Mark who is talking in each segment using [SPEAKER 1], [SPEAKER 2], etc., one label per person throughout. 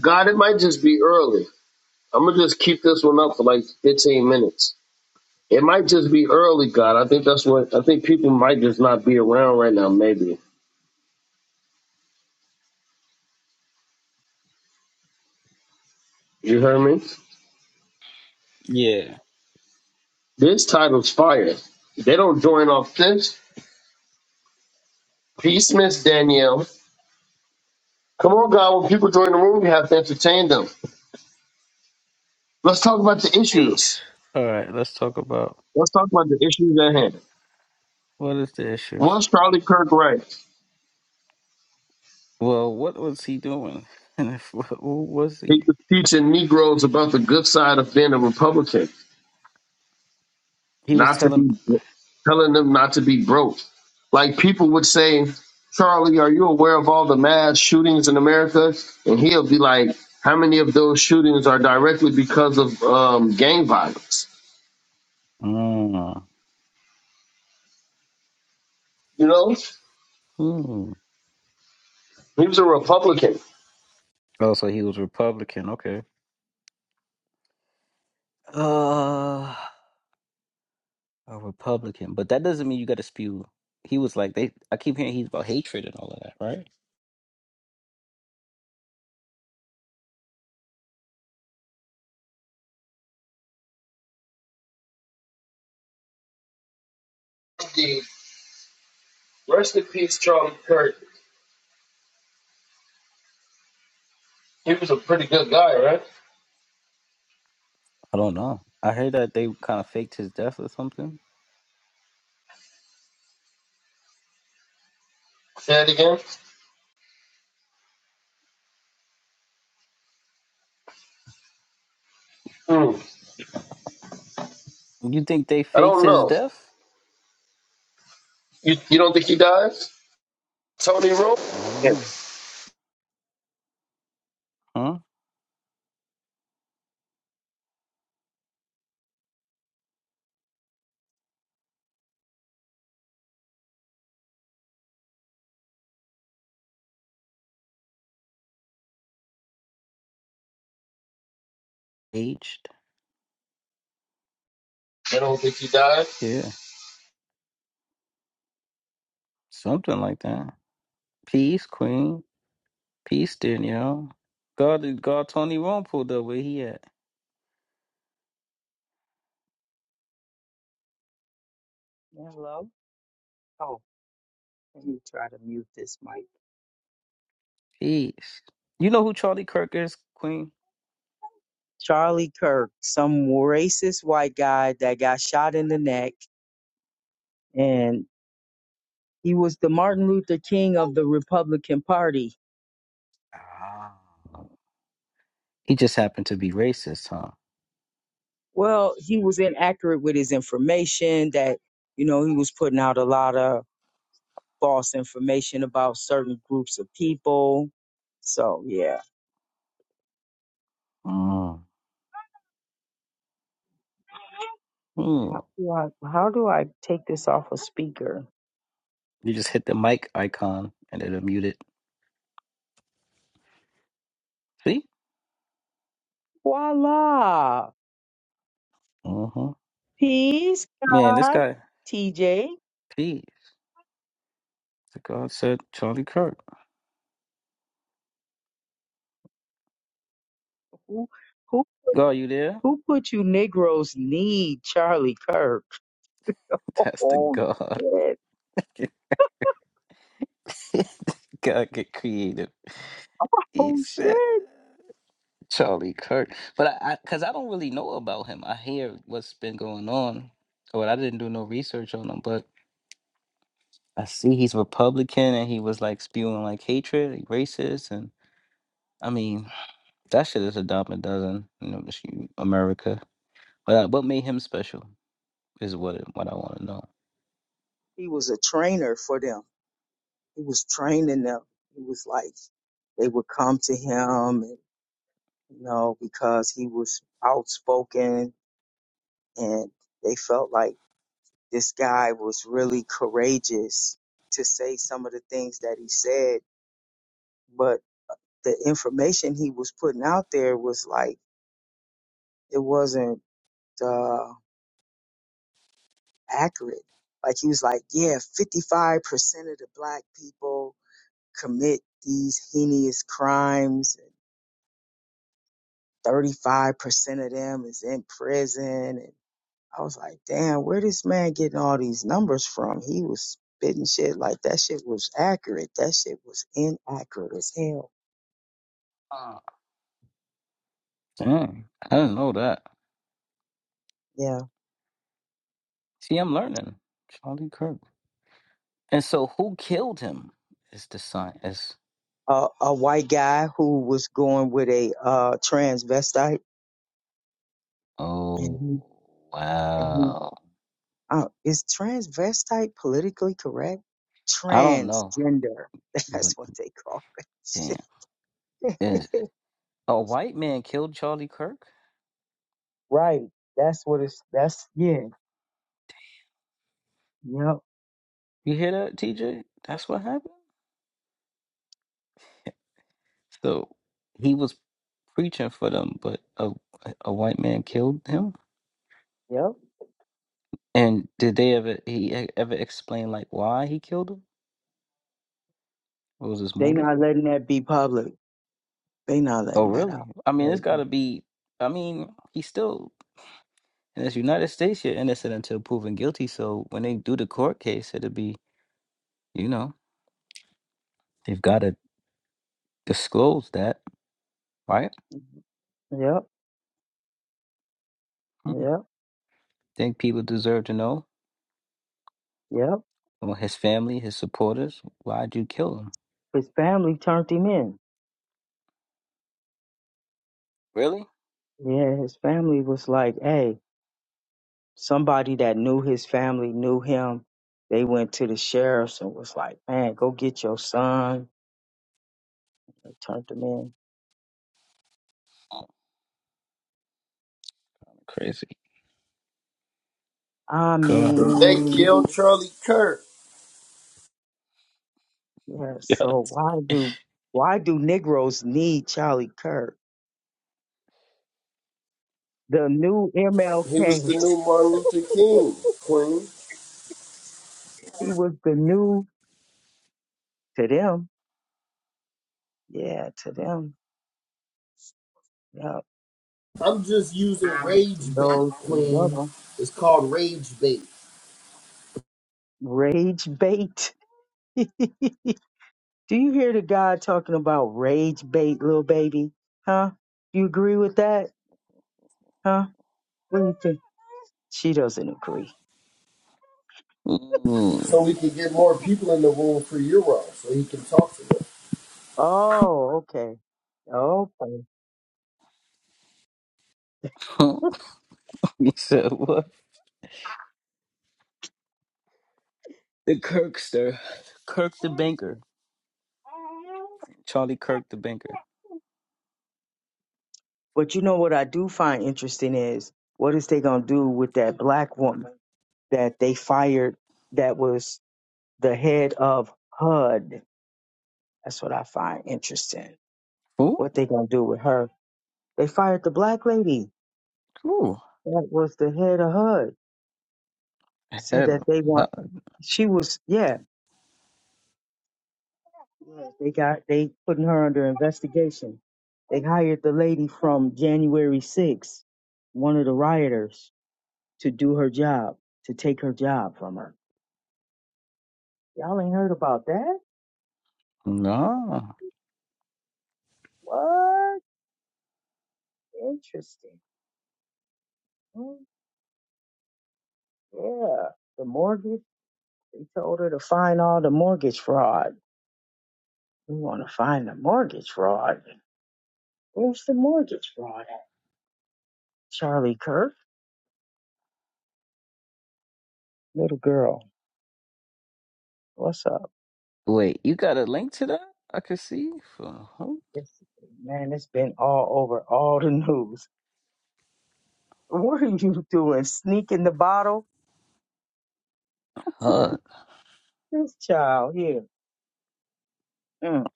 [SPEAKER 1] God, it might just be early. I'm gonna just keep this one up for like 15 minutes. It might just be early, God. I think that's what I think people might just not be around right now. Maybe you heard me.
[SPEAKER 2] Yeah.
[SPEAKER 1] This title's fire. They don't join off this. Peace, Miss Danielle. Come on, God. When people join the room, you have to entertain them. Let's talk about the issues.
[SPEAKER 2] Peace. All right, let's talk about
[SPEAKER 1] Let's talk about the issues at hand.
[SPEAKER 2] what is the issues.
[SPEAKER 1] Was Charlie Kirk right?
[SPEAKER 2] Well, what was he doing? And if, who was he?
[SPEAKER 1] He was teaching Negroes about the good side of being a Republican.
[SPEAKER 2] He was
[SPEAKER 1] not to
[SPEAKER 2] telling.
[SPEAKER 1] be telling them not to be broke. Like people would say, Charlie, are you aware of all the mass shootings in America? And he'll be like, How many of those shootings are directly because of um, gang violence?
[SPEAKER 2] Mm.
[SPEAKER 1] You know,
[SPEAKER 2] Hmm.
[SPEAKER 1] he was a Republican.
[SPEAKER 2] Oh, so he was Republican. Okay. Uh, a Republican, but that doesn't mean you got to spew. He was like they. I keep hearing he's about hatred and all of that, right?
[SPEAKER 1] The rest in peace, Charlie Kirk. He was a pretty good guy, right?
[SPEAKER 2] I don't know. I heard that they kind of faked his death or something.
[SPEAKER 1] Say that again. Hmm.
[SPEAKER 2] You think they
[SPEAKER 1] I
[SPEAKER 2] faked
[SPEAKER 1] don't
[SPEAKER 2] his
[SPEAKER 1] know.
[SPEAKER 2] death?
[SPEAKER 1] You you don't think he died? Tony Rowe?
[SPEAKER 2] Uh,
[SPEAKER 1] Yes.
[SPEAKER 2] huh? Aged?
[SPEAKER 1] I don't think he died.
[SPEAKER 2] Yeah, something like that. Peace, Queen. Peace, Danielle. God, God, Tony Rome pulled up where he at.
[SPEAKER 3] Hello? Oh, let me try to mute this mic.
[SPEAKER 2] Peace. You know who Charlie Kirk is, Queen?
[SPEAKER 3] Charlie Kirk, some racist white guy that got shot in the neck, and he was the Martin Luther King of the Republican Party.
[SPEAKER 2] Ah. He just happened to be racist, huh?
[SPEAKER 3] Well, he was inaccurate with his information that, you know, he was putting out a lot of false information about certain groups of people. So, yeah.
[SPEAKER 2] Mm. Hmm.
[SPEAKER 3] How do I, how do I take this off a speaker?
[SPEAKER 2] You just hit the mic icon and it'll mute it. See?
[SPEAKER 3] Voila!
[SPEAKER 2] Mm-hmm.
[SPEAKER 3] Peace,
[SPEAKER 2] Man, this
[SPEAKER 3] God,
[SPEAKER 2] guy.
[SPEAKER 3] TJ.
[SPEAKER 2] Peace. The God said Charlie Kirk.
[SPEAKER 3] Who who
[SPEAKER 2] God, you there?
[SPEAKER 3] who put you Negroes need Charlie Kirk?
[SPEAKER 2] That's the
[SPEAKER 3] Oh
[SPEAKER 2] God.
[SPEAKER 3] shit.
[SPEAKER 2] God get creative. He
[SPEAKER 3] Oh
[SPEAKER 2] said.
[SPEAKER 3] shit.
[SPEAKER 2] Charlie Kirk. But I, I cause I don't really know about him. I hear what's been going on, but I didn't do no research on him. But I see he's Republican and he was like spewing like hatred, like racist, and I mean that shit is a dime a dozen. You know, this you- America. But I, what made him special is what it- what I want to know.
[SPEAKER 3] He was a trainer for them. He was training them. He was like they would come to him and you know, because he was outspoken and they felt like this guy was really courageous to say some of the things that he said, but the information he was putting out there was like it wasn't uh, accurate. Like he was like, yeah, 55% of the black people commit these heinous crimes. And 35% of them is in prison. And I was like, damn, where this man getting all these numbers from? He was spitting shit like that shit was accurate. That shit was inaccurate as hell.
[SPEAKER 2] Uh, Dang, I didn't know that.
[SPEAKER 3] Yeah.
[SPEAKER 2] See, I'm learning. Charlie Kirk. And so, who killed him? Is the science?
[SPEAKER 3] A a white guy who was going with a uh, transvestite. And
[SPEAKER 2] Oh
[SPEAKER 3] he, and he
[SPEAKER 2] wow.
[SPEAKER 3] Uh, is transvestite politically correct?
[SPEAKER 2] I don't know.
[SPEAKER 3] Transgender.
[SPEAKER 2] But
[SPEAKER 3] That's what they call it.
[SPEAKER 2] damn, is a white man killed Charlie Kirk?
[SPEAKER 3] right. That's what it's, that's, yeah. Yep.
[SPEAKER 2] You hear that, TJ? That's what happened. So he was preaching for them, but a a white man killed him.
[SPEAKER 3] Yep.
[SPEAKER 2] And did they ever he e- ever explain like why he killed him? What was his
[SPEAKER 3] They
[SPEAKER 2] motive?
[SPEAKER 3] not letting that be public. They not
[SPEAKER 2] Oh,
[SPEAKER 3] letting that
[SPEAKER 2] really?
[SPEAKER 3] out.
[SPEAKER 2] I mean, it's
[SPEAKER 3] Like,
[SPEAKER 2] got to be. I mean, he's still in this United States. You're innocent until proven guilty. So when they do the court case, it'll be you know they've got to disclose that, right?
[SPEAKER 3] Yep,
[SPEAKER 2] Hmm.
[SPEAKER 3] yep,
[SPEAKER 2] Think people deserve to know
[SPEAKER 3] yep.
[SPEAKER 2] Well, his family, his supporters. Why'd you kill him?
[SPEAKER 3] His family turned him in.
[SPEAKER 2] Really?
[SPEAKER 3] Yeah, his family was like, hey, somebody that knew his family knew him. They went to the sheriffs and was like, man, go get your son. They turned him in.
[SPEAKER 2] Crazy.
[SPEAKER 3] I
[SPEAKER 2] Go on.
[SPEAKER 1] They
[SPEAKER 3] mean,
[SPEAKER 1] killed Charlie Kirk.
[SPEAKER 3] yeah.
[SPEAKER 2] Yeah.
[SPEAKER 3] So why do why do Negroes need Charlie Kirk? The new
[SPEAKER 1] He was
[SPEAKER 3] MLK.
[SPEAKER 1] the new Martin Luther King, Queen.
[SPEAKER 3] He was the new to them. Yeah, to them. Yeah,
[SPEAKER 1] Use a rage bait,
[SPEAKER 3] those
[SPEAKER 1] queen
[SPEAKER 3] who love him. Rage bait. do you hear the guy talking about rage bait, little baby? Huh? You agree with that? Huh? What do you think? She doesn't agree.
[SPEAKER 2] Ooh.
[SPEAKER 1] So we can get more people in the room for Euro, so he can talk to them.
[SPEAKER 3] Oh, okay.
[SPEAKER 2] you said what? The Kirkster. Kirk the
[SPEAKER 3] Okay.
[SPEAKER 2] banker. Charlie Kirk the banker.
[SPEAKER 3] But you know what I do find interesting is what is they gonna do with that black woman that they fired that was the head of HUD. That's what I find interesting.
[SPEAKER 2] Who?
[SPEAKER 3] What they gonna do with her. They fired the black lady
[SPEAKER 2] Ooh.
[SPEAKER 3] that was the head of HUD. Said
[SPEAKER 2] Ahead of.
[SPEAKER 3] that they
[SPEAKER 2] Huh.
[SPEAKER 3] want she was yeah, yeah, they got they putting her under investigation. They hired the lady from January sixth, one of the rioters, to do her job, to take her job from her. Y'all ain't heard about that?
[SPEAKER 2] No.
[SPEAKER 3] What? Interesting. Mm, Yeah. The mortgage, they told her to find all the mortgage fraud. We want to find the mortgage fraud. Where's the mortgage fraud at? Charlie Kirk, little girl, what's up?
[SPEAKER 2] Wait, you got a link to that? I can see. For who?
[SPEAKER 3] It's, man, it's been all over all the news. What are you doing? Sneaking the bottle?
[SPEAKER 2] Huh.
[SPEAKER 3] This child here. Mm,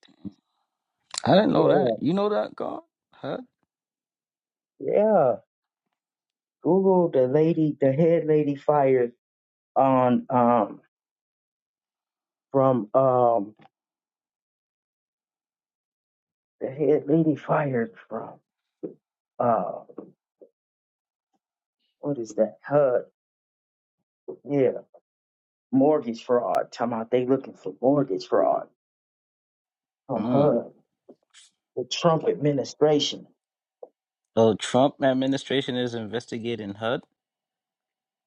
[SPEAKER 2] I didn't know that.
[SPEAKER 3] yeah.
[SPEAKER 2] You know that, God? Huh?
[SPEAKER 3] Yeah. Google the lady, the head lady fired on. Um, from um the head lady fired from uh what is that HUD yeah mortgage fraud talking about they looking for mortgage fraud from
[SPEAKER 2] Mm.
[SPEAKER 3] HUD the Trump administration
[SPEAKER 2] Oh, Trump administration is investigating HUD.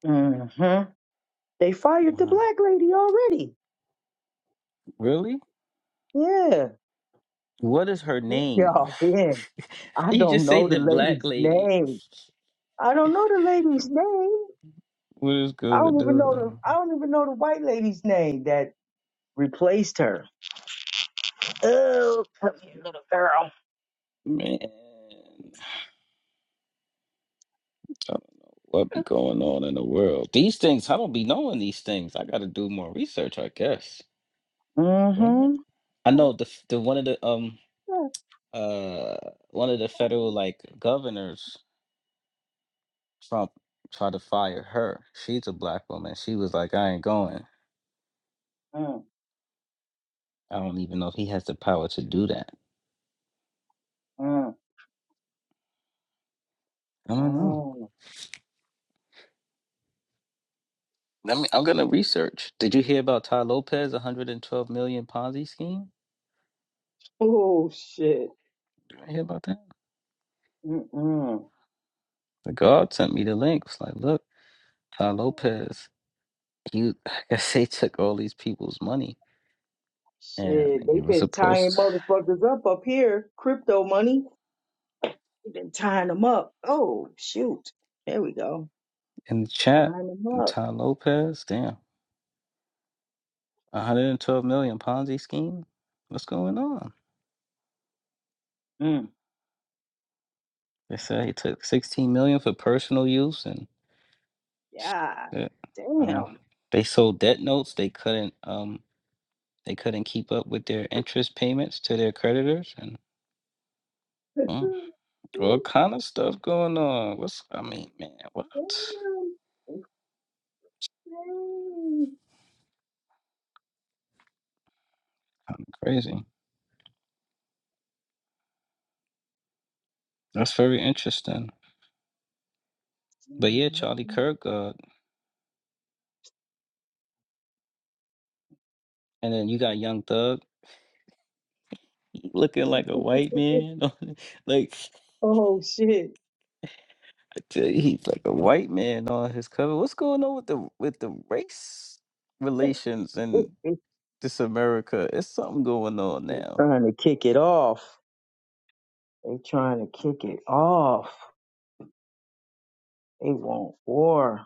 [SPEAKER 3] mm-hmm. they fired the
[SPEAKER 2] Wow.
[SPEAKER 3] black lady already
[SPEAKER 2] Really?
[SPEAKER 3] yeah
[SPEAKER 2] What is her
[SPEAKER 3] where
[SPEAKER 2] name?
[SPEAKER 3] y'all been I
[SPEAKER 2] You
[SPEAKER 3] don't
[SPEAKER 2] just say
[SPEAKER 3] know the
[SPEAKER 2] the black
[SPEAKER 3] lady's
[SPEAKER 2] lady.
[SPEAKER 3] name I don't know the lady's name
[SPEAKER 2] What is
[SPEAKER 3] I don't
[SPEAKER 2] going
[SPEAKER 3] even know the
[SPEAKER 2] on?
[SPEAKER 3] I don't even know the white lady's name that replaced her oh come here little girl
[SPEAKER 2] Man, I don't know what be going on in the world. These things, I don't be knowing these things. I gotta do more research, I guess. Right?
[SPEAKER 3] mm-hmm
[SPEAKER 2] I know the f- the one of the um uh one of the federal like governors, Trump tried to fire her. She's a black woman. She was like, I ain't going. I don't even know if he has the power to do that.
[SPEAKER 3] Mm-mm.
[SPEAKER 2] I don't know. Let me. I'm gonna research. Did you hear about Ty Lopez 112 million Ponzi scheme?
[SPEAKER 3] Oh shit.
[SPEAKER 2] Did you hear about that?
[SPEAKER 3] Mm-mm.
[SPEAKER 2] The God sent me the link. It's like, look, Ty Lopez. You, I guess they took all these people's money, and
[SPEAKER 3] Shit, they
[SPEAKER 2] he was
[SPEAKER 3] been tying
[SPEAKER 2] supposed
[SPEAKER 3] motherfuckers up up here. Crypto money, they been tying them up. Oh shoot, there we go.
[SPEAKER 2] in the
[SPEAKER 3] Tying
[SPEAKER 2] chat.
[SPEAKER 3] them up.
[SPEAKER 2] Ty Lopez, damn, 112 million Ponzi scheme. What's going on?
[SPEAKER 3] Mm.
[SPEAKER 2] They said he took 16 million for personal use, and
[SPEAKER 3] Yeah,
[SPEAKER 2] uh, I don't know
[SPEAKER 3] damn.
[SPEAKER 2] they sold debt notes. They couldn't. Um, They couldn't keep up with their interest payments to their creditors and
[SPEAKER 3] damn.
[SPEAKER 2] mm, all kind of stuff going on. What's I mean, man, what? Kind of crazy. That's very interesting. But yeah, Charlie Kirk, uh, and then you got Young Thug he looking like a white
[SPEAKER 3] Insane.
[SPEAKER 2] man, on- like
[SPEAKER 3] Oh shit.
[SPEAKER 2] he's like a white man on his cover. What's going on with the with the race relations in this America? It's something going on now.
[SPEAKER 3] trying to kick it off. They trying to kick it off. They want war.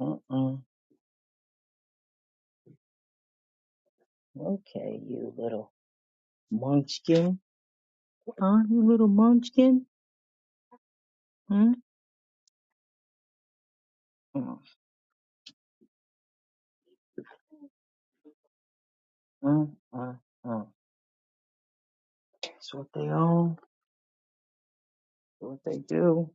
[SPEAKER 3] Mm-mm. Okay, you little munchkin. Huh? You little munchkin? Hmm? Uh, uh, uh, uh. That's what they own. That's what they do.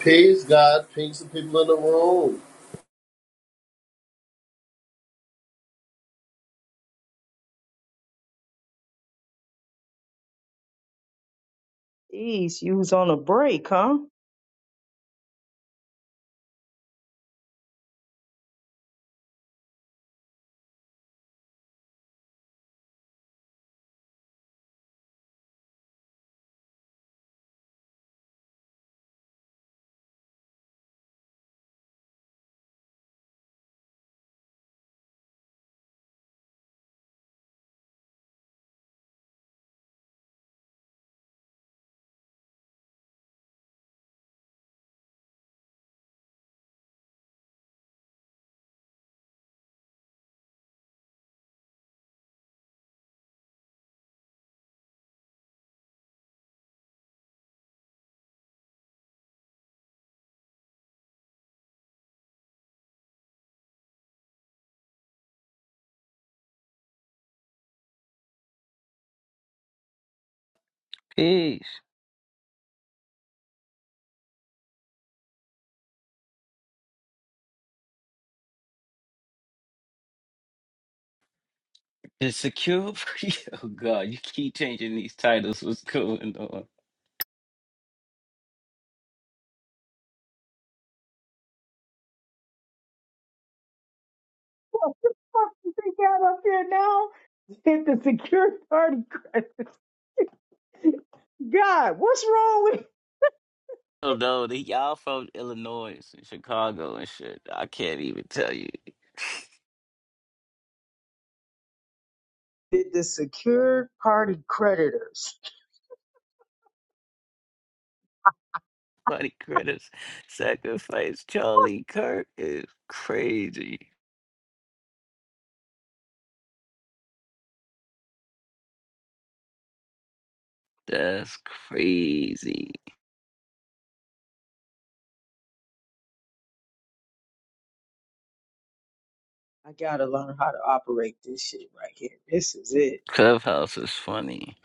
[SPEAKER 1] Praise God. Peace the people in the room.
[SPEAKER 3] Jeez, you was on a break, huh?
[SPEAKER 2] Peace. Insecure? for you. oh God, you keep changing these titles. What's going on?
[SPEAKER 3] What the fuck did they got up here now? Did the secure party creditors? God, what's wrong with
[SPEAKER 2] Oh no, they, y'all from Illinois and Chicago and shit. I can't even tell you.
[SPEAKER 3] Did the secure party creditors?
[SPEAKER 2] Funny critics sacrifice Charlie Kirk is crazy. That's crazy.
[SPEAKER 3] I gotta learn how to operate this shit right here. This is it.
[SPEAKER 2] Clubhouse is funny.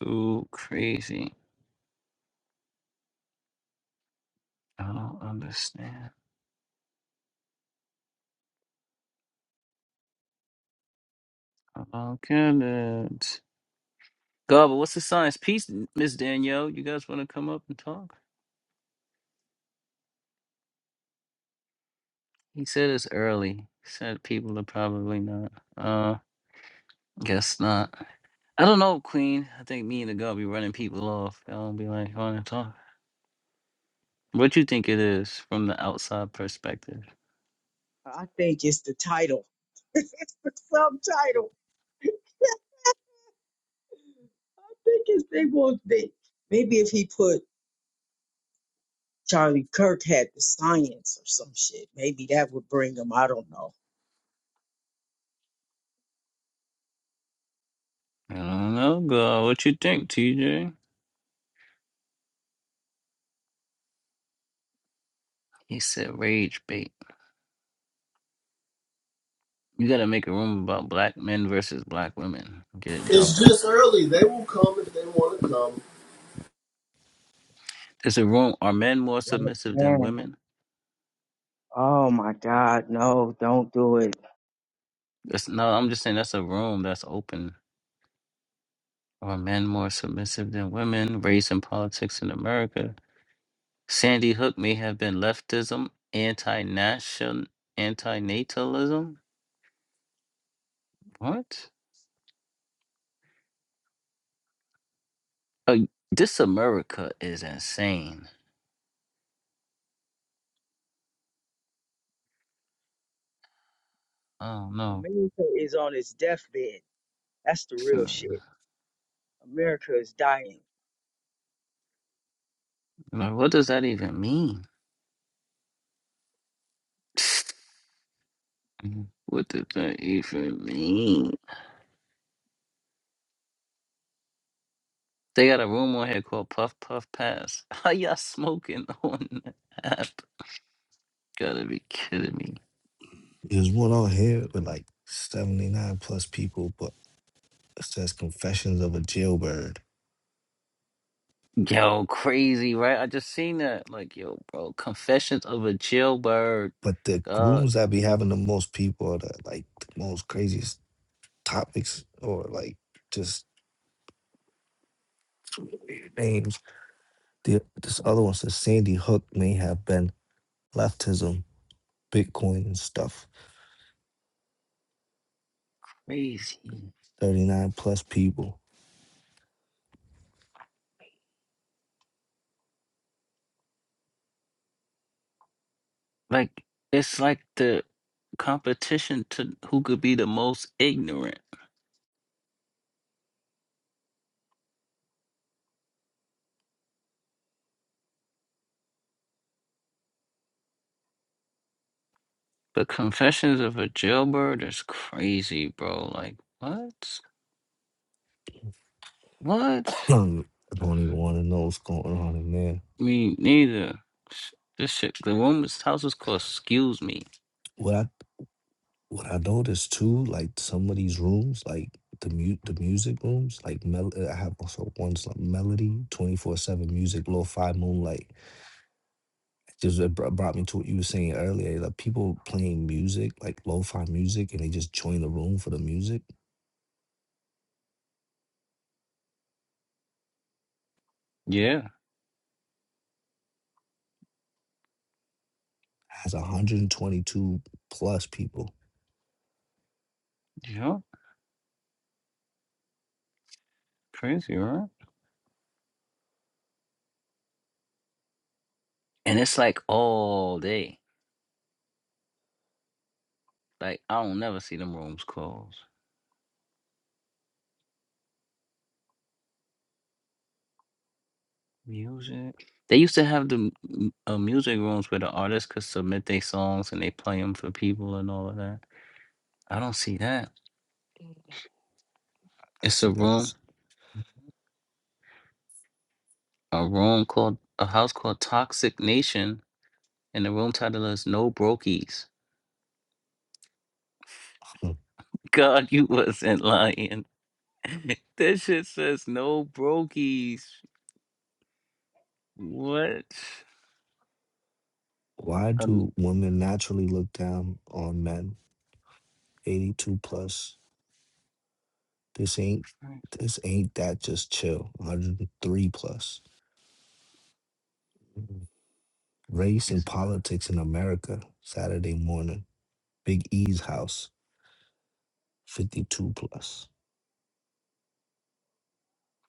[SPEAKER 2] Too crazy. I don't understand. about do God, but what's the science? Peace, Miss Danielle. You guys want to come up and talk? He said it's early. He said people are probably not. Uh, guess not. I don't know, Queen. I think me and the girl be running people off. Y'all be like, want to talk. What you think it is from the outside perspective?
[SPEAKER 3] I think it's the title. it's the subtitle. I think it's they want they maybe if he put Charlie Kirk had the science or some shit, maybe that would bring him. I don't know.
[SPEAKER 2] I don't know, girl. What you think, TJ? He said rage bait. You gotta make a room about black men versus black women. Get it
[SPEAKER 1] It's
[SPEAKER 2] jumping.
[SPEAKER 1] just early. They will come if they want to come.
[SPEAKER 2] There's a room. Are men more
[SPEAKER 3] Black
[SPEAKER 2] submissive than
[SPEAKER 3] man.
[SPEAKER 2] women?
[SPEAKER 3] Oh my God, no, don't do it.
[SPEAKER 2] That's, no, I'm just saying that's a room that's open. Are men more submissive than women? Race and politics in America. Sandy Hook may have been leftism, anti-nation, anti-natalism. What? Uh, this America is insane. Oh no.
[SPEAKER 3] America is on its deathbed. That's the real shit. America is dying.
[SPEAKER 2] Like, what does that even mean? What did that even mean? They got a room on here called Puff Puff Pass. How y'all smoking on the app? Gotta be kidding me.
[SPEAKER 4] There's one on here with like 79 plus people, but it says Confessions of a Jailbird.
[SPEAKER 2] Yo, crazy, right? I just seen that. Like, yo, bro, Confessions of a Jailbird.
[SPEAKER 4] But the
[SPEAKER 2] God.
[SPEAKER 4] rooms that be having the most people are the like the most craziest topics or like just weird names. The, this other one says Sandy Hook may have been leftism, Bitcoin and stuff.
[SPEAKER 2] crazy.
[SPEAKER 4] 39 plus people.
[SPEAKER 2] Like it's like the competition to who could be the most ignorant. But Confessions of a Jailbird is crazy, bro. Like what? What?
[SPEAKER 4] I don't even want to know what's going on in there.
[SPEAKER 2] Me neither. Sh- This shit. The room, house is called "Excuse Me."
[SPEAKER 4] What I What I noticed too, like some of these rooms, like the mute, the music rooms, like mel uh, I have also ones like Melody, 24/7 music, lo-fi moonlight. Just it br- brought me to what you were saying earlier, like people playing music, like lo-fi music, and they just join the room for the music.
[SPEAKER 2] Yeah,
[SPEAKER 4] Has 122 plus people.
[SPEAKER 2] yeah, crazy, right? And it's like all day. Like I don't never see them rooms close. Music. They used to have the m- uh, music rooms where the artists could submit their songs and they play them for people and all of that. I don't see that. It's
[SPEAKER 4] That's
[SPEAKER 2] a room,
[SPEAKER 4] that's
[SPEAKER 2] a room called a house called Toxic Nation, and the room title is No Brokies.
[SPEAKER 4] hmm.
[SPEAKER 2] God, you wasn't lying. that shit says No Brokies. What?
[SPEAKER 4] why
[SPEAKER 2] Um,
[SPEAKER 4] do women naturally look down on men? 82 plus. This ain't this ain't that just chill. 103 plus. Race and
[SPEAKER 2] crazy.
[SPEAKER 4] Politics in America, Saturday morning, Big E's house, 52 plus.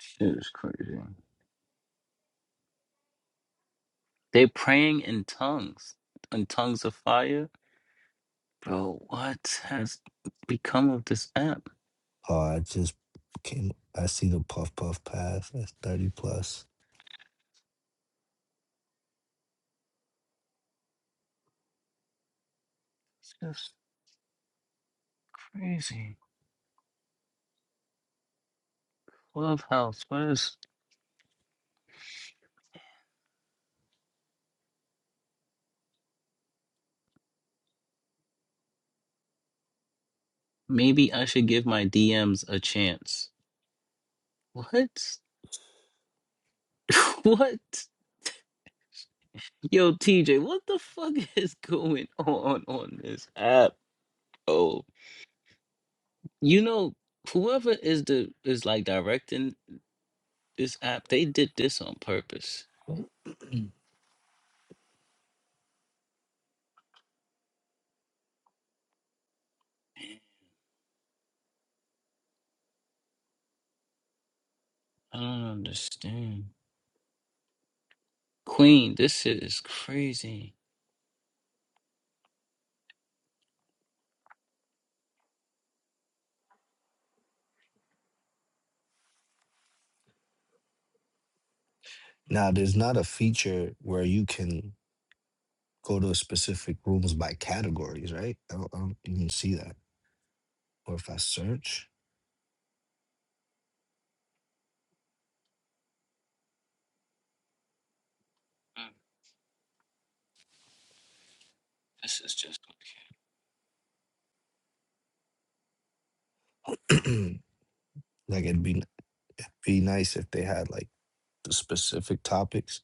[SPEAKER 2] Shit is crazy. They're praying in tongues, in tongues of fire. Bro, what has become of this app?
[SPEAKER 4] Oh, I just came, I see the Puff Puff Pass, that's 30 plus.
[SPEAKER 2] It's just crazy. Clubhouse, what is. Maybe I should give my DMs a chance. What? what? Yo, TJ, what the fuck is going on on this app? Oh, you know, whoever is the is like directing this app, they did this on purpose. I don't understand. Queen, this shit is crazy.
[SPEAKER 4] Now, there's not a feature where you can go to specific rooms by categories, right? I don't, I don't even see that. Or if I search,
[SPEAKER 2] Mm, This is just okay.
[SPEAKER 4] like it'd be, it'd be nice if they had like the specific topics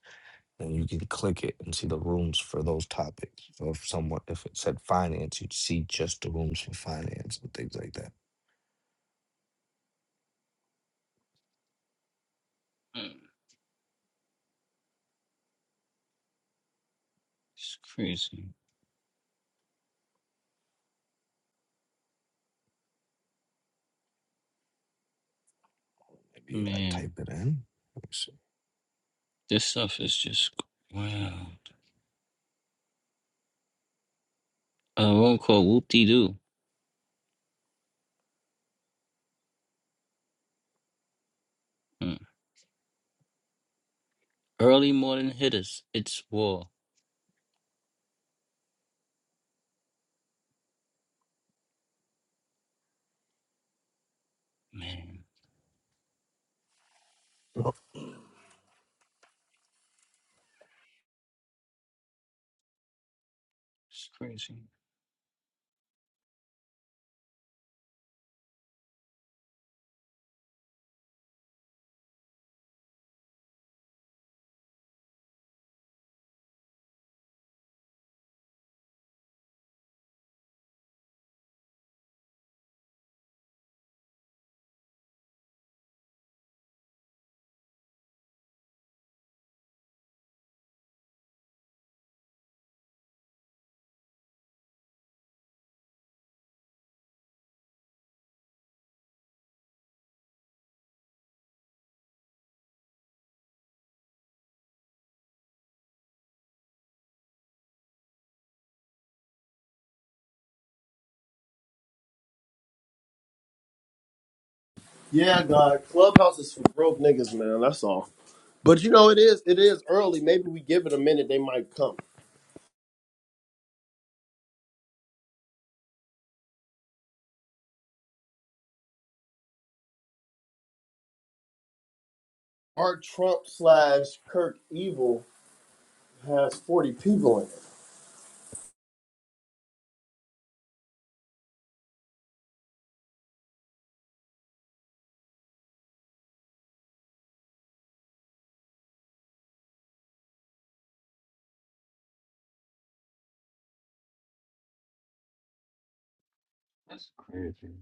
[SPEAKER 4] and you can click it and see the rooms for those topics. So if someone if it said finance, you'd see just the rooms for finance and things like that.
[SPEAKER 2] mm. It's crazy.
[SPEAKER 4] Maybe I type
[SPEAKER 2] Man,
[SPEAKER 4] it in. Let me see.
[SPEAKER 2] this stuff is just wow. A room called Whoop De Doo. Early morning hitters. It's war. Man, it's crazy.
[SPEAKER 1] Yeah, God. Clubhouse is for broke niggas, man. That's all. But you know, it is it is early. Maybe we give it a minute, they might come. Our Trump slash Kirk Evil has 40 people in it.
[SPEAKER 2] That's crazy.